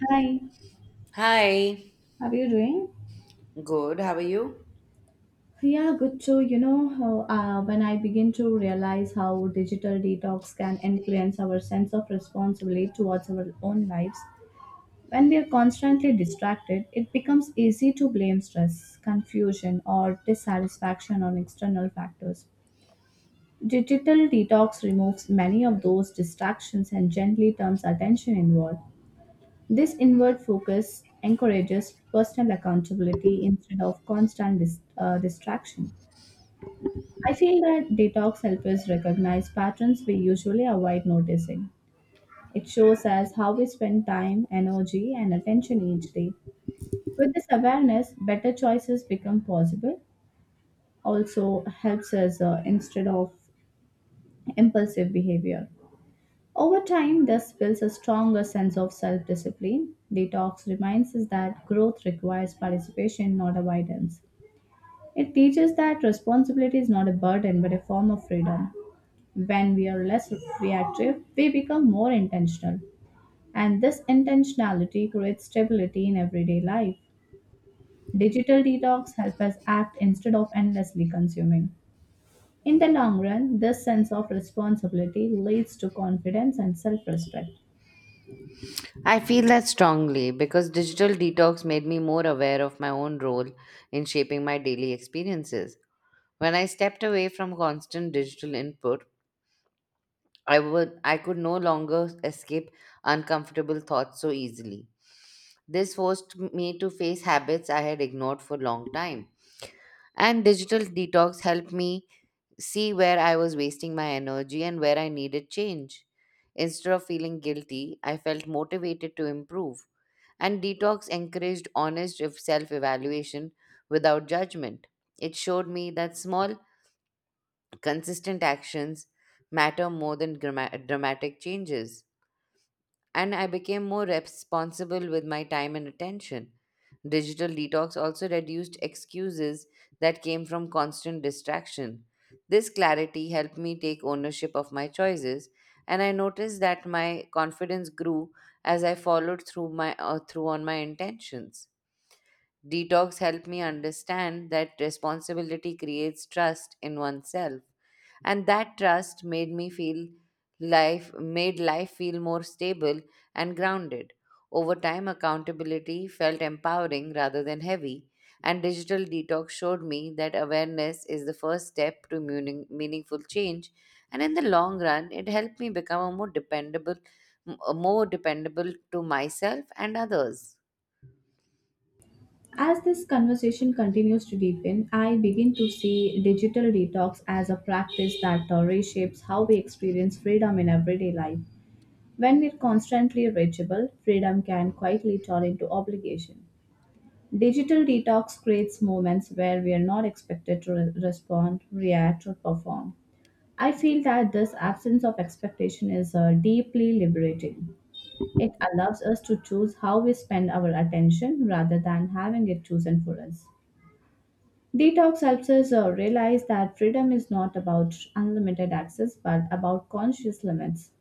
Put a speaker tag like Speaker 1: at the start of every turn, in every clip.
Speaker 1: Hi,
Speaker 2: Hi,
Speaker 1: how are you doing?
Speaker 2: good. How are you?
Speaker 1: Yeah, good too. When I begin to realize how digital detox can influence our sense of responsibility towards our own lives, when we are constantly distracted, it becomes easy to blame stress, confusion, or dissatisfaction on external factors. Digital detox removes many of those distractions and gently turns attention inward. This inward focus encourages personal accountability instead of constant distraction. I feel that detox helps us recognize patterns we usually avoid noticing. It shows us how we spend time, energy, and attention each day. With this awareness, better choices become possible. Also helps us instead of impulsive behavior. Over time, this builds a stronger sense of self discipline. Detox reminds us that growth requires participation, not avoidance. It teaches that responsibility is not a burden but a form of freedom. When we are less reactive, we become more intentional. And this intentionality creates stability in everyday life. Digital detox help us act instead of endlessly consuming. In the long run, this sense of responsibility leads to confidence and self respect.
Speaker 2: I feel that strongly because digital detox made me more aware of my own role in shaping my daily experiences. When I stepped away from constant digital input, I could no longer escape uncomfortable thoughts so easily. This forced me to face habits I had ignored for a long time, and digital detox helped me see where I was wasting my energy and where I needed change. Instead of feeling guilty, I felt motivated to improve. And detox encouraged honest self evaluation without judgment. It showed me that small, consistent actions matter more than dramatic changes, and I became more responsible with my time and attention. Digital detox also reduced excuses that came from constant distraction. This clarity helped me take ownership of my choices, and I noticed that my confidence grew as I followed through my through on my intentions. Detox helped me understand that responsibility creates trust in oneself. And that trust made life feel more stable and grounded. Over time accountability felt empowering rather than heavy, and digital detox showed me that awareness is the first step to meaningful change, and in the long run it helped me become a more dependable to myself and others.
Speaker 1: As this conversation continues to deepen, I begin to see digital detox as a practice that reshapes how we experience freedom in everyday life. When we're constantly reachable, freedom can quietly turn into obligation. Digital detox creates moments where we are not expected to respond, react, or perform. I feel that this absence of expectation is deeply liberating. It allows us to choose how we spend our attention rather than having it chosen for us. Detox helps us realize that freedom is not about unlimited access but about conscious limits.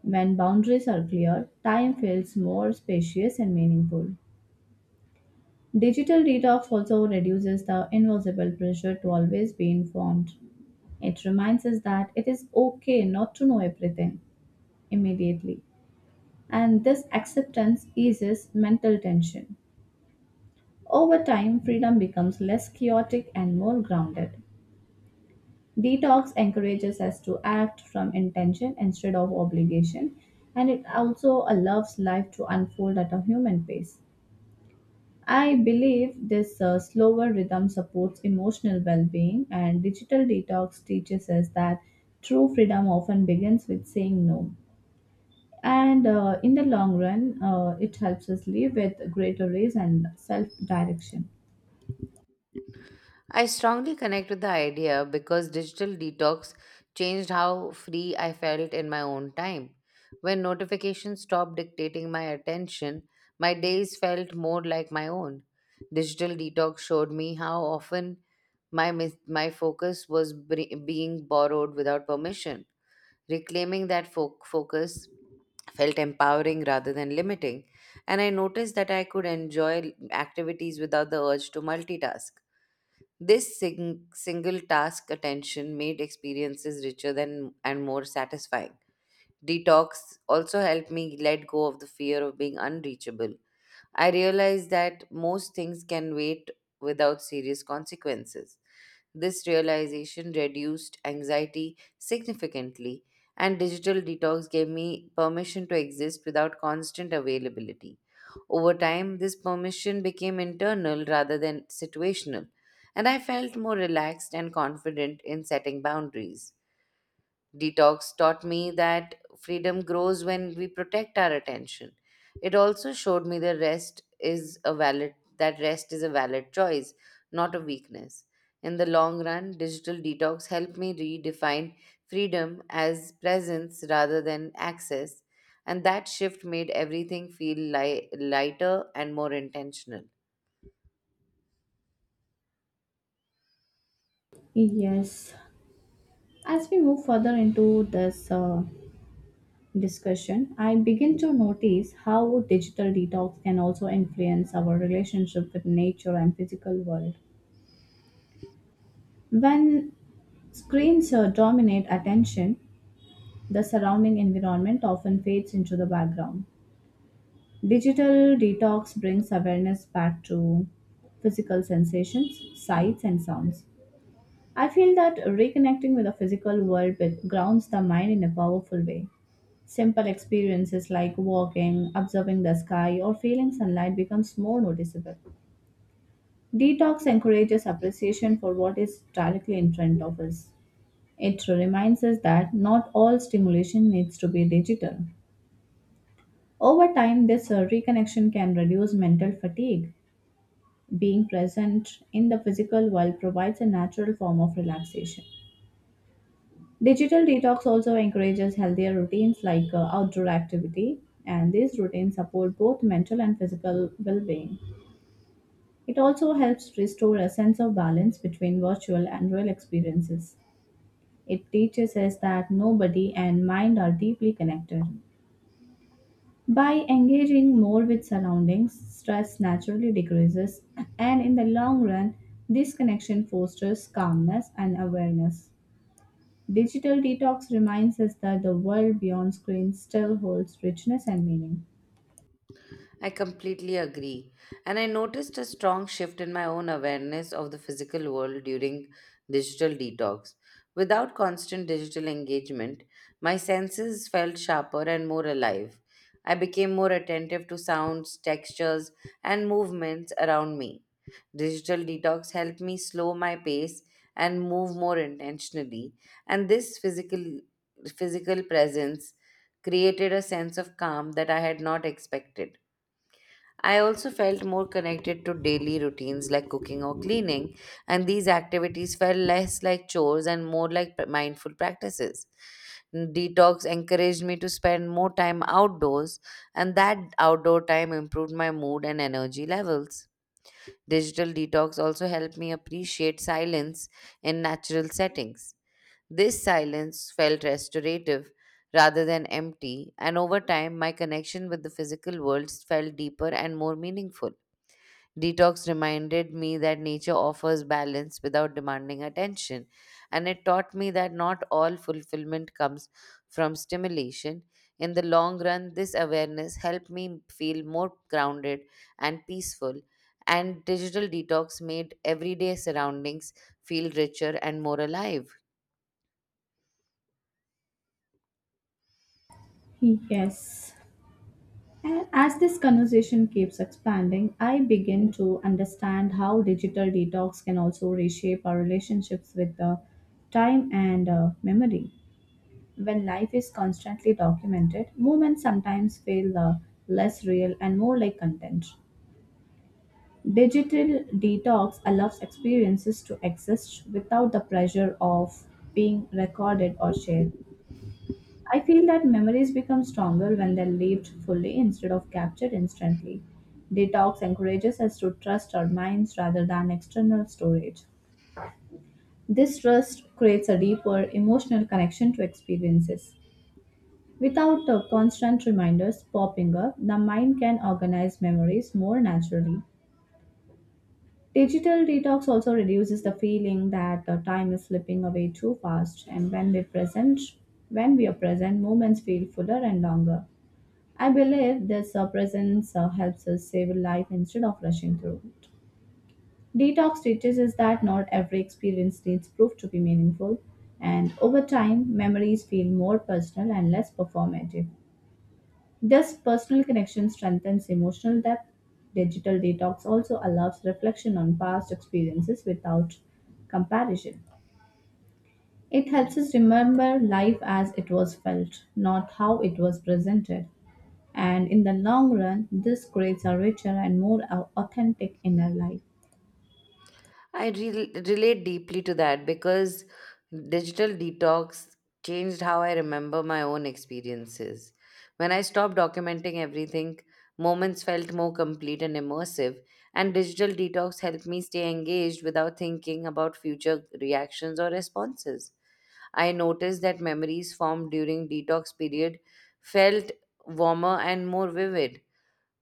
Speaker 1: When boundaries are clear, time feels more spacious and meaningful. Digital detox also reduces the invisible pressure to always be informed. It reminds us that it is okay not to know everything immediately, and this acceptance eases mental tension. Over time, freedom becomes less chaotic and more grounded. Detox encourages us to act from intention instead of obligation, and it also allows life to unfold at a human pace. I believe this slower rhythm supports emotional well being, and digital detox teaches us that true freedom often begins with saying no. And in the long run, it helps us live with greater ease and self direction.
Speaker 2: I strongly connect with the idea because digital detox changed how free I felt in my own time. When notifications stopped dictating my attention, my days felt more like my own. Digital detox showed me how often my focus was being borrowed without permission. Reclaiming that focus felt empowering rather than limiting, and I noticed that I could enjoy activities without the urge to multitask. This single task attention made experiences richer than and more satisfying. Detox also helped me let go of the fear of being unreachable. I realized that most things can wait without serious consequences. This realization reduced anxiety significantly, and digital detox gave me permission to exist without constant availability. Over time, this permission became internal rather than situational, and I felt more relaxed and confident in setting boundaries. Detox taught me that freedom grows when we protect our attention. It also showed me that rest is a valid that rest is a valid choice, not a weakness. In the long run, digital detox helped me redefine freedom as presence rather than access, and that shift made everything feel lighter and more intentional.
Speaker 1: Yes. As we move further into this discussion, I begin to notice how digital detox can also influence our relationship with nature and physical world. When screens dominate attention, the surrounding environment often fades into the background. Digital detox brings awareness back to physical sensations, sights, and sounds. I feel that reconnecting with the physical world grounds the mind in a powerful way. Simple experiences like walking, observing the sky, or feeling sunlight becomes more noticeable. Detox encourages appreciation for what is directly in front of us. It reminds us that not all stimulation needs to be digital. Over time, this reconnection can reduce mental fatigue. Being present in the physical world provides a natural form of relaxation. Digital detox also encourages healthier routines like outdoor activity, and these routines support both mental and physical well being. It also helps restore a sense of balance between virtual and real experiences. It teaches us that no body and mind are deeply connected. By engaging more with surroundings, stress naturally decreases, and in the long run, this connection fosters calmness and awareness. Digital detox reminds us that the world beyond screens still holds richness and meaning.
Speaker 2: I completely agree. And I noticed a strong shift in my own awareness of the physical world during digital detox. Without constant digital engagement, my senses felt sharper and more alive. I became more attentive to sounds, textures, and movements around me. Digital detox helped me slow my pace and move more intentionally, and this physical presence created a sense of calm that I had not expected. I also felt more connected to daily routines like cooking or cleaning, and these activities felt less like chores and more like mindful practices. Detox encouraged me to spend more time outdoors, and that outdoor time improved my mood and energy levels. Digital detox also helped me appreciate silence in natural settings. This silence felt restorative rather than empty, and over time, my connection with the physical world felt deeper and more meaningful. Detox reminded me that nature offers balance without demanding attention, and it taught me that not all fulfillment comes from stimulation. In the long run, this awareness helped me feel more grounded and peaceful, and digital detox made everyday surroundings feel richer and more alive.
Speaker 1: Yes. And as this conversation keeps expanding, I begin to understand how digital detox can also reshape our relationships with the time and memory. When life is constantly documented, moments sometimes feel less real and more like content. Digital detox allows experiences to exist without the pressure of being recorded or shared. I feel that memories become stronger when they're lived fully instead of captured instantly. Detox encourages us to trust our minds rather than external storage. This trust creates a deeper emotional connection to experiences. Without constant reminders popping up, the mind can organize memories more naturally. Digital detox also reduces the feeling that the time is slipping away too fast, and when we are present, moments feel fuller and longer. I believe this presence helps us save life instead of rushing through it. Detox teaches us that not every experience needs proof to be meaningful, and over time, memories feel more personal and less performative. This personal connection strengthens emotional depth. Digital detox also allows reflection on past experiences without comparison. It helps us remember life as it was felt, not how it was presented. And in the long run, this creates a richer and more authentic inner life.
Speaker 2: I relate deeply to that because digital detox changed how I remember my own experiences. When I stopped documenting everything, moments felt more complete and immersive, and digital detox helped me stay engaged without thinking about future reactions or responses. I noticed that memories formed during detox period felt warmer and more vivid.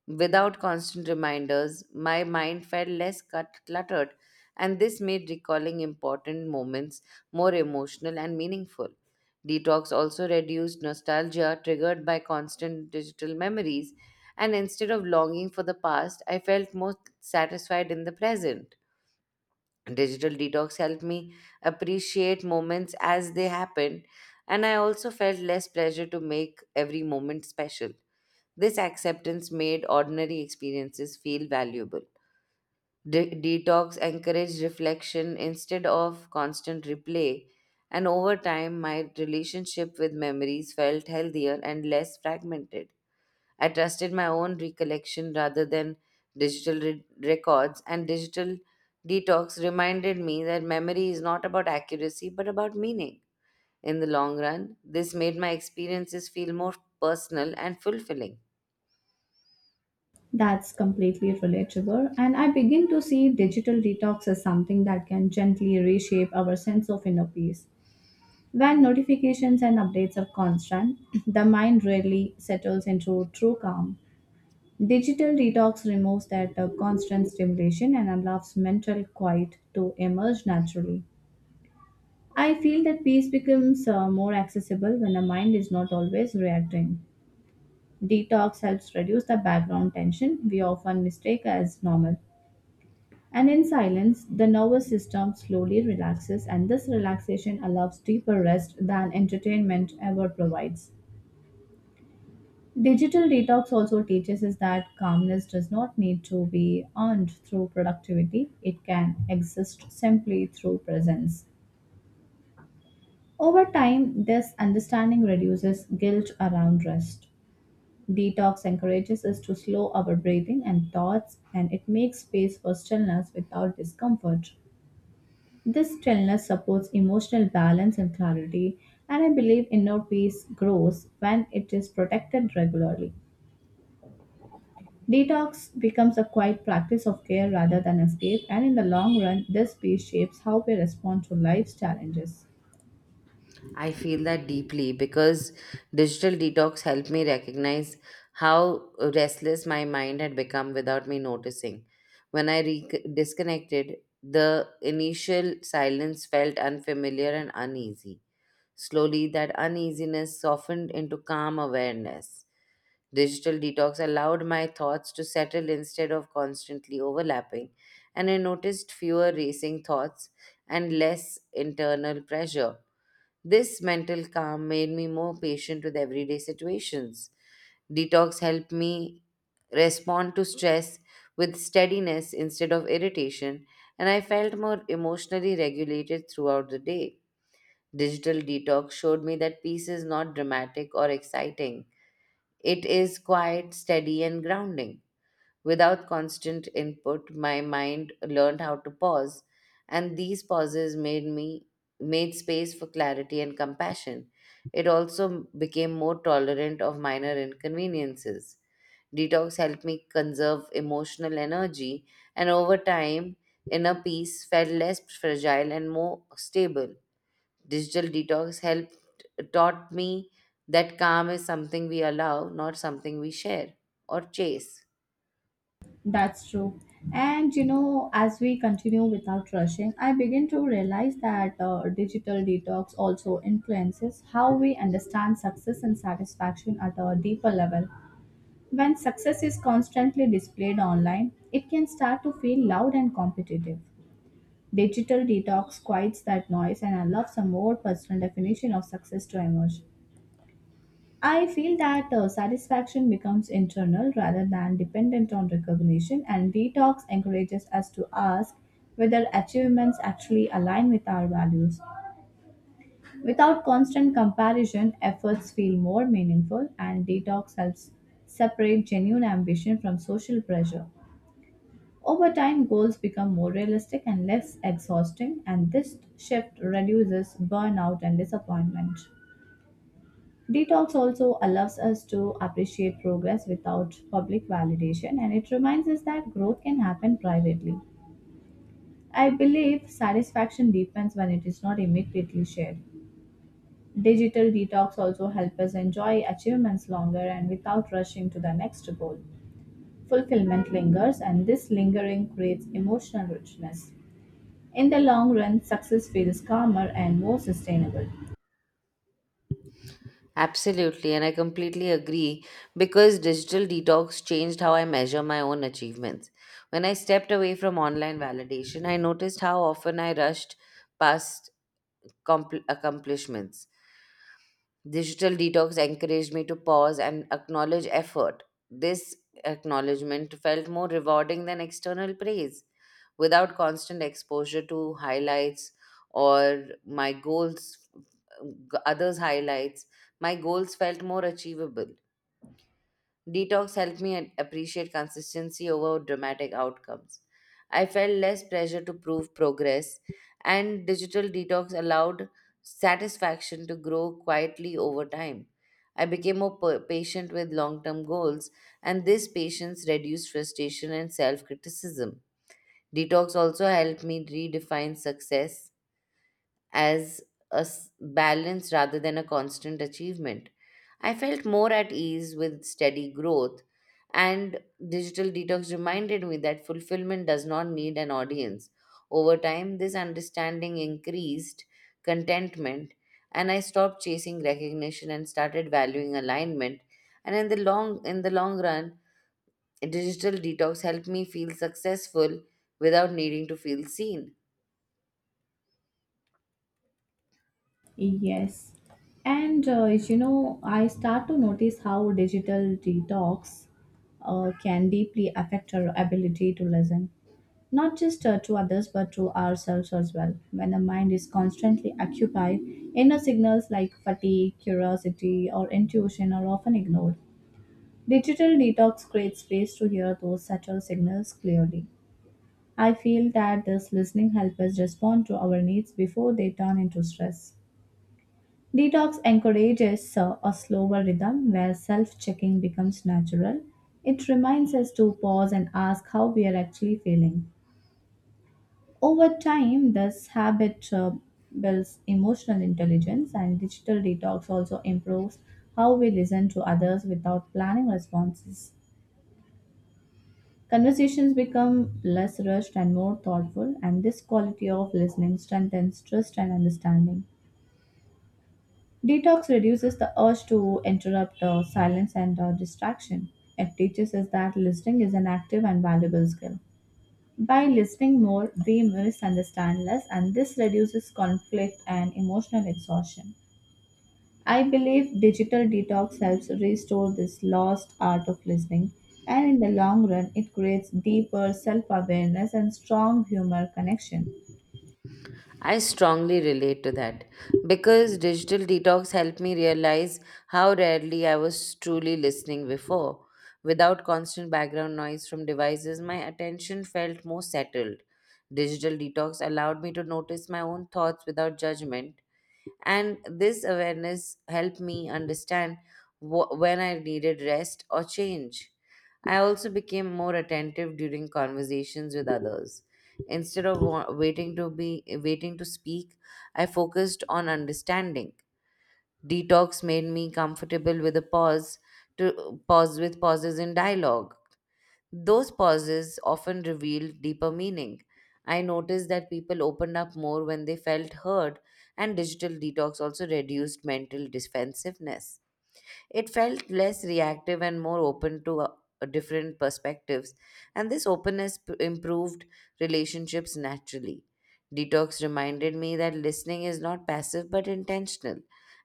Speaker 2: Without constant reminders, my mind felt less cluttered, and this made recalling important moments more emotional and meaningful. Detox also reduced nostalgia triggered by constant digital memories, and instead of longing for the past, I felt more satisfied in the present. Digital detox helped me appreciate moments as they happened, and I also felt less pressure to make every moment special. This acceptance made ordinary experiences feel valuable. Detox encouraged reflection instead of constant replay, and over time, my relationship with memories felt healthier and less fragmented. I trusted my own recollection rather than digital records, and digital detox reminded me that memory is not about accuracy but about meaning. In the long run, this made my experiences feel more personal and fulfilling.
Speaker 1: That's completely relatable. And I begin to see digital detox as something that can gently reshape our sense of inner peace. When notifications and updates are constant, the mind rarely settles into true calm. Digital detox removes that constant stimulation and allows mental quiet to emerge naturally. I feel that peace becomes more accessible when the mind is not always reacting. Detox helps reduce the background tension we often mistake as normal. And in silence, the nervous system slowly relaxes, and this relaxation allows deeper rest than entertainment ever provides. Digital detox also teaches us that calmness does not need to be earned through productivity, it can exist simply through presence. Over time, this understanding reduces guilt around rest. Detox encourages us to slow our breathing and thoughts, and it makes space for stillness without discomfort. This stillness supports emotional balance and clarity, and I believe inner peace grows when it is protected regularly. Detox becomes a quiet practice of care rather than escape, and in the long run, this piece shapes how we respond to life's challenges.
Speaker 2: I feel that deeply because digital detox helped me recognize how restless my mind had become without me noticing. When I disconnected, the initial silence felt unfamiliar and uneasy. Slowly, that uneasiness softened into calm awareness. Digital detox allowed my thoughts to settle instead of constantly overlapping, and I noticed fewer racing thoughts and less internal pressure. This mental calm made me more patient with everyday situations. Detox helped me respond to stress with steadiness instead of irritation, and I felt more emotionally regulated throughout the day. Digital detox showed me that peace is not dramatic or exciting. It is quiet, steady, and grounding. Without constant input, my mind learned how to pause, and these pauses made space for clarity and compassion. It also became more tolerant of minor inconveniences. Detox helped me conserve emotional energy, and over time, inner peace felt less fragile and more stable. Digital detox helped taught me that calm is something we allow, not something we share or chase.
Speaker 1: That's true. And you know, as we continue without rushing, I begin to realize that digital detox also influences how we understand success and satisfaction at a deeper level. When success is constantly displayed online, it can start to feel loud and competitive. Digital detox quiets that noise and allows some more personal definition of success to emerge. I feel that satisfaction becomes internal rather than dependent on recognition, and detox encourages us to ask whether achievements actually align with our values. Without constant comparison, efforts feel more meaningful, and detox helps separate genuine ambition from social pressure. Over time, goals become more realistic and less exhausting, and this shift reduces burnout and disappointment. Detox also allows us to appreciate progress without public validation, and it reminds us that growth can happen privately. I believe satisfaction deepens when it is not immediately shared. Digital detox also help us enjoy achievements longer and without rushing to the next goal. Fulfillment lingers, and this lingering creates emotional richness. In the long run, success feels calmer and more sustainable.
Speaker 2: Absolutely, and I completely agree because digital detox changed how I measure my own achievements. When I stepped away from online validation, I noticed how often I rushed past accomplishments. Digital detox encouraged me to pause and acknowledge effort. This acknowledgement felt more rewarding than external praise. Without constant exposure to highlights or my goals g- others highlights, my goals felt more achievable. Detox helped me appreciate consistency over dramatic outcomes. I felt less pressure to prove progress, and digital detox allowed satisfaction to grow quietly over time. I became more patient with long-term goals, and this patience reduced frustration and self-criticism. Detox also helped me redefine success as balance rather than a constant achievement. I felt more at ease with steady growth, and digital detox reminded me that fulfillment does not need an audience. Over time, this understanding increased contentment, and I stopped chasing recognition and started valuing alignment. And in the long run, digital detox helped me feel successful without needing to feel seen.
Speaker 1: Yes. And as you know, I start to notice how digital detox can deeply affect our ability to listen, not just to others but to ourselves as well. When the mind is constantly occupied, inner signals like fatigue, curiosity, or intuition are often ignored. Digital detox creates space to hear those subtle signals clearly. I feel that this listening helps us respond to our needs before they turn into stress. Detox encourages a slower rhythm where self checking becomes natural. It reminds us to pause and ask how we are actually feeling. Over time, this habit builds emotional intelligence, and digital detox also improves how we listen to others without planning responses. Conversations become less rushed and more thoughtful, and this quality of listening strengthens trust and understanding. Detox reduces the urge to interrupt silence and distraction. It teaches us that listening is an active and valuable skill. By listening more, we misunderstand less, and this reduces conflict and emotional exhaustion. I believe digital detox helps restore this lost art of listening, and in the long run, it creates deeper self awareness and strong humor connection.
Speaker 2: I strongly relate to that because digital detox helped me realize how rarely I was truly listening before. Without constant background noise from devices, my attention felt more settled. Digital detox allowed me to notice my own thoughts without judgment, and this awareness helped me understand when I needed rest or change. I also became more attentive during conversations with others. Instead of waiting to speak, I focused on understanding. Detox made me comfortable with a pause to pause with pauses in dialogue. Those pauses often revealed deeper meaning. I noticed that people opened up more when they felt heard, and digital detox also reduced mental defensiveness. It felt less reactive and more open to different perspectives, and this openness improved relationships naturally. Detox reminded me that listening is not passive but intentional,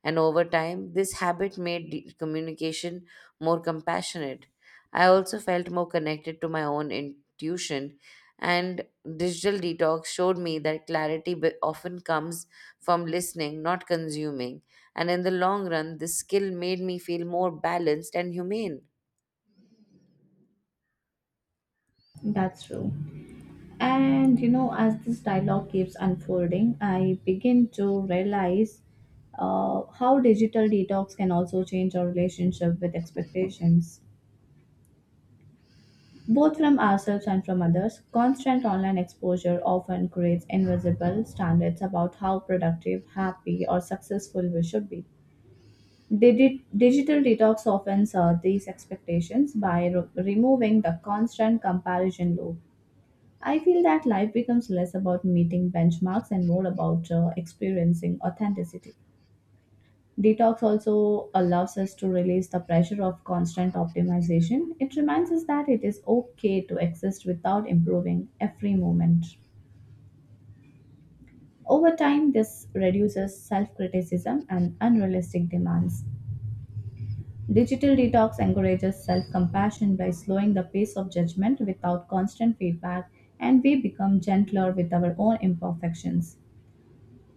Speaker 2: and over time, this habit made communication more compassionate. I also felt more connected to my own intuition, and digital detox showed me that clarity often comes from listening, not consuming. And in the long run, this skill made me feel more balanced and humane.
Speaker 1: That's true. And you know, as this dialogue keeps unfolding, I begin to realize how digital detox can also change our relationship with expectations. Both from ourselves and from others, constant online exposure often creates invisible standards about how productive, happy, or successful we should be. Digital detox often serve these expectations by removing the constant comparison loop. I feel that life becomes less about meeting benchmarks and more about experiencing authenticity. Detox also allows us to release the pressure of constant optimization. It reminds us that it is okay to exist without improving every moment. Over time, this reduces self criticism and unrealistic demands. Digital detox encourages self compassion by slowing the pace of judgment without constant feedback, and we become gentler with our own imperfections.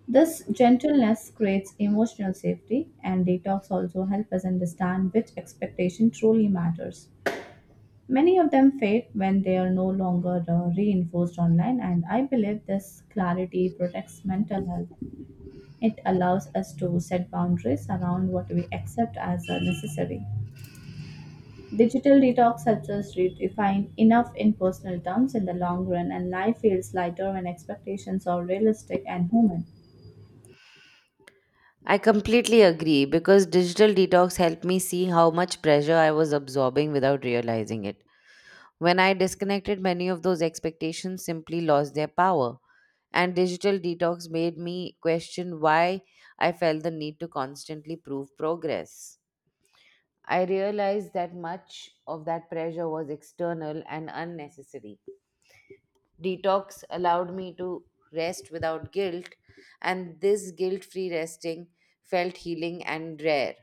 Speaker 1: This gentleness creates emotional safety, and detox also help us understand which expectation truly matters. Many of them fade when they are no longer reinforced online, and I believe this clarity protects mental health. It allows us to set boundaries around what we accept as necessary. Digital detox helps us redefine enough in personal terms in the long run, and life feels lighter when expectations are realistic and human.
Speaker 2: I completely agree because digital detox helped me see how much pressure I was absorbing without realizing it. When I disconnected, many of those expectations simply lost their power. And digital detox made me question why I felt the need to constantly prove progress. I realized that much of that pressure was external and unnecessary. Detox allowed me to rest without guilt, and this guilt free resting felt healing and rare.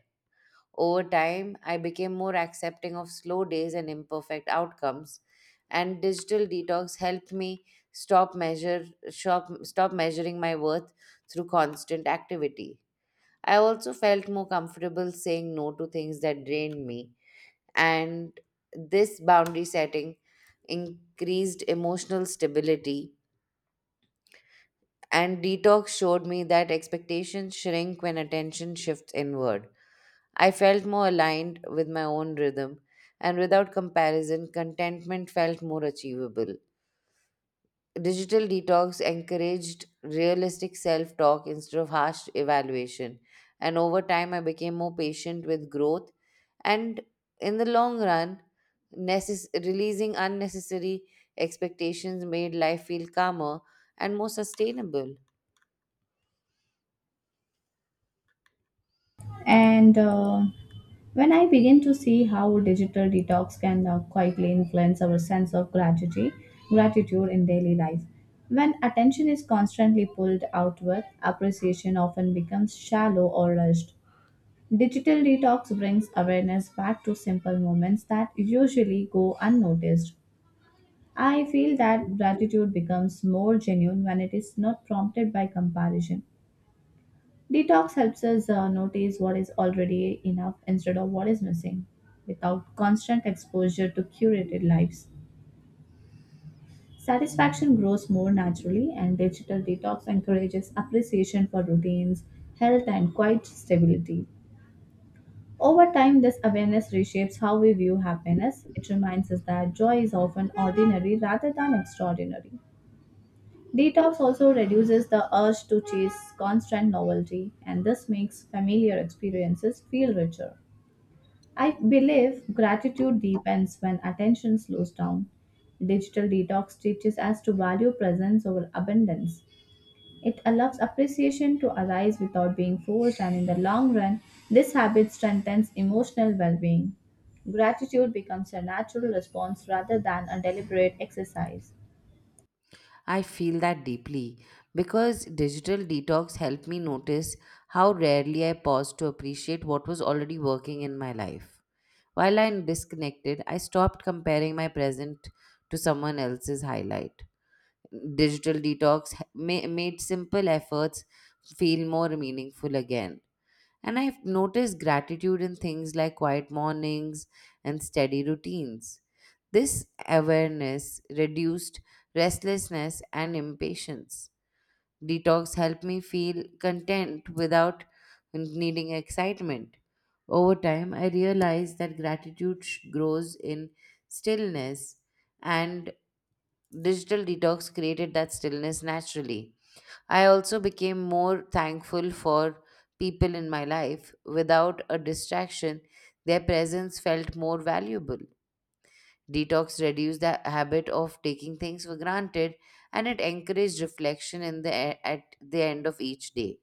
Speaker 2: Over time, I became more accepting of slow days and imperfect outcomes, and digital detox helped me stop measuring my worth through constant activity. I also felt more comfortable saying no to things that drained me, and this boundary setting increased emotional stability. And detox showed me that expectations shrink when attention shifts inward. I felt more aligned with my own rhythm, and without comparison contentment felt more achievable. Digital detox encouraged realistic self talk instead of harsh evaluation. And over time, I became more patient with growth. And in the long run, releasing unnecessary expectations made life feel calmer and more sustainable.
Speaker 1: And When I begin to see how digital detox can quietly influence our sense of gratitude, gratitude in daily life. When attention is constantly pulled outward, appreciation often becomes shallow or rushed. Digital detox brings awareness back to simple moments that usually go unnoticed. I feel that gratitude becomes more genuine when it is not prompted by comparison. Detox helps us notice what is already enough instead of what is missing without constant exposure to curated lives. Satisfaction grows more naturally, and digital detox encourages appreciation for routines, health, and quiet stability. Over time, this awareness reshapes how we view happiness. It reminds us that joy is often ordinary rather than extraordinary. Detox also reduces the urge to chase constant novelty, and this makes familiar experiences feel richer. I believe gratitude deepens when attention slows down. Digital detox teaches us to value presence over abundance. It allows appreciation to arise without being forced, and in the long run, this habit strengthens emotional well being. Gratitude becomes a natural response rather than a deliberate exercise.
Speaker 2: I feel that deeply because digital detox helped me notice how rarely I paused to appreciate what was already working in my life. While I'm disconnected, I stopped comparing my present to someone else's highlight. Digital detox made simple efforts feel more meaningful again. And I've noticed gratitude in things like quiet mornings and steady routines. This awareness reduced restlessness and impatience. Detox helped me feel content without needing excitement. Over time, I realized that gratitude grows in stillness, and digital detox created that stillness naturally. I also became more thankful for people in my life. Without a distraction, their presence felt more valuable. Detox reduced the habit of taking things for granted, and it encouraged reflection at the end of each day.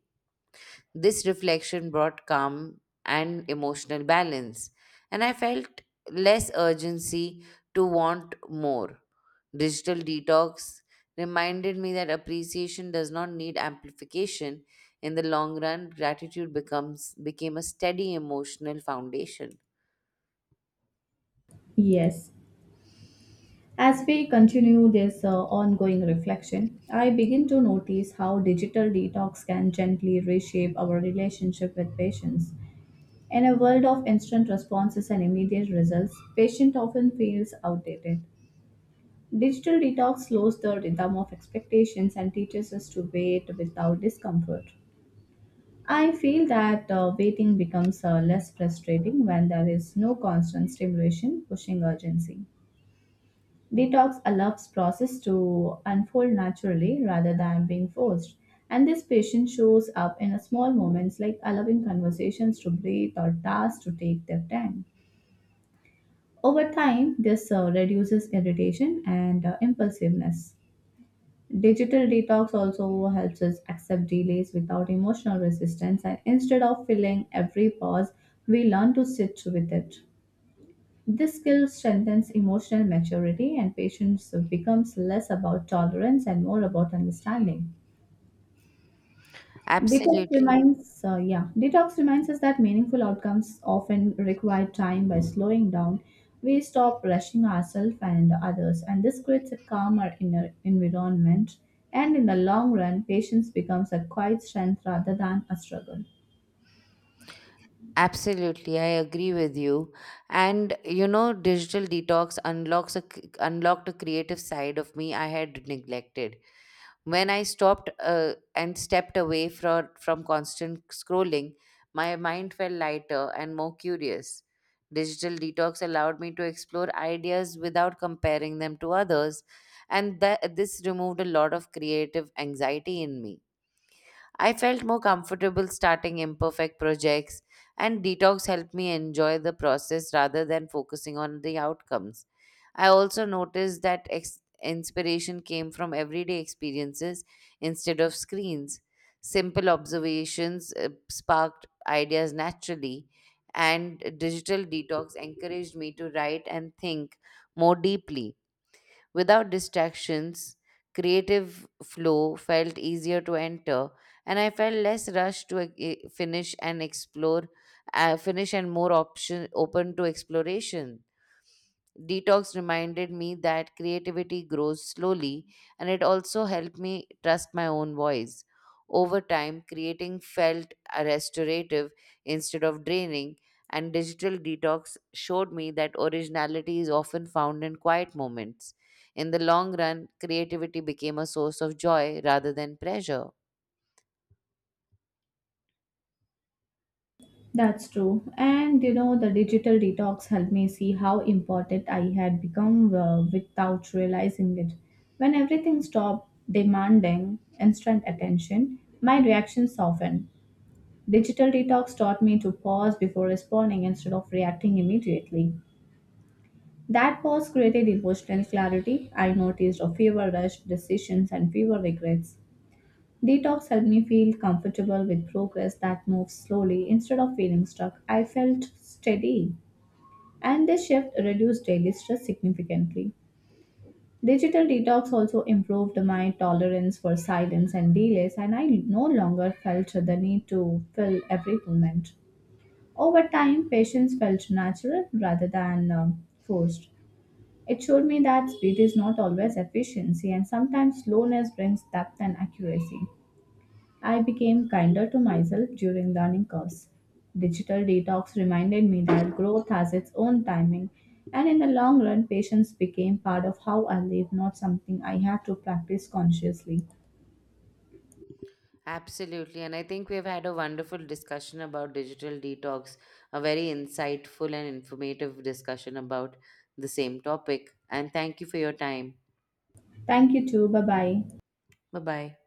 Speaker 2: This reflection brought calm and emotional balance, and I felt less urgency to want more. Digital detox reminded me that appreciation does not need amplification. In the long run, gratitude becomes became a steady emotional foundation.
Speaker 1: Yes. As we continue this ongoing reflection, I begin to notice how digital detox can gently reshape our relationship with patients. In a world of instant responses and immediate results, patient often feels outdated. Digital detox slows the rhythm of expectations and teaches us to wait without discomfort. I feel that waiting becomes less frustrating when there is no constant stimulation pushing urgency. Detox allows process to unfold naturally rather than being forced. And this patience shows up in a small moments like allowing conversations to breathe or tasks to take their time. Over time, this reduces irritation and impulsiveness. Digital detox also helps us accept delays without emotional resistance, and instead of filling every pause, we learn to sit with it. This skill strengthens emotional maturity, and patience becomes less about tolerance and more about understanding.
Speaker 2: Absolutely.
Speaker 1: Detox reminds us that meaningful outcomes often require time. By slowing down, we stop rushing ourselves and others, and this creates a calmer inner environment. And in the long run, patience becomes a quiet strength rather than a struggle.
Speaker 2: Absolutely, I agree with you. And you know, digital detox unlocked a creative side of me I had neglected. When I stopped and stepped away from constant scrolling, my mind felt lighter and more curious. Digital detox allowed me to explore ideas without comparing them to others, and that this removed a lot of creative anxiety in me. I felt more comfortable starting imperfect projects, and detox helped me enjoy the process rather than focusing on the outcomes. I also noticed that inspiration came from everyday experiences instead of screens. Simple observations sparked ideas naturally, and digital detox encouraged me to write and think more deeply. Without distractions, creative flow felt easier to enter, and I felt less rushed to finish and more option open to exploration. Detox reminded me that creativity grows slowly, and it also helped me trust my own voice. Over time, creating felt restorative instead of draining, and digital detox showed me that originality is often found in quiet moments. In the long run, creativity became a source of joy rather than pressure.
Speaker 1: That's true. And you know, the digital detox helped me see how important I had become without realizing it. When everything stopped demanding instant attention, my reaction softened. Digital detox taught me to pause before responding instead of reacting immediately. That pause created emotional clarity. I noticed a fewer rushed decisions and fewer regrets. Detox helped me feel comfortable with progress that moves slowly instead of feeling stuck. I felt steady, and this shift reduced daily stress significantly. Digital detox also improved my tolerance for silence and delays, and I no longer felt the need to fill every moment. Over time, patience felt natural rather than forced. It showed me that speed is not always efficiency, and sometimes slowness brings depth and accuracy. I became kinder to myself during learning curves. Digital detox reminded me that growth has its own timing, and in the long run, patience became part of how I live, not something I had to practice consciously.
Speaker 2: Absolutely. And I think we've had a wonderful discussion about digital detox, a very insightful and informative discussion about the same topic. And thank you for your time.
Speaker 1: Thank you, too. Bye bye.
Speaker 2: Bye bye.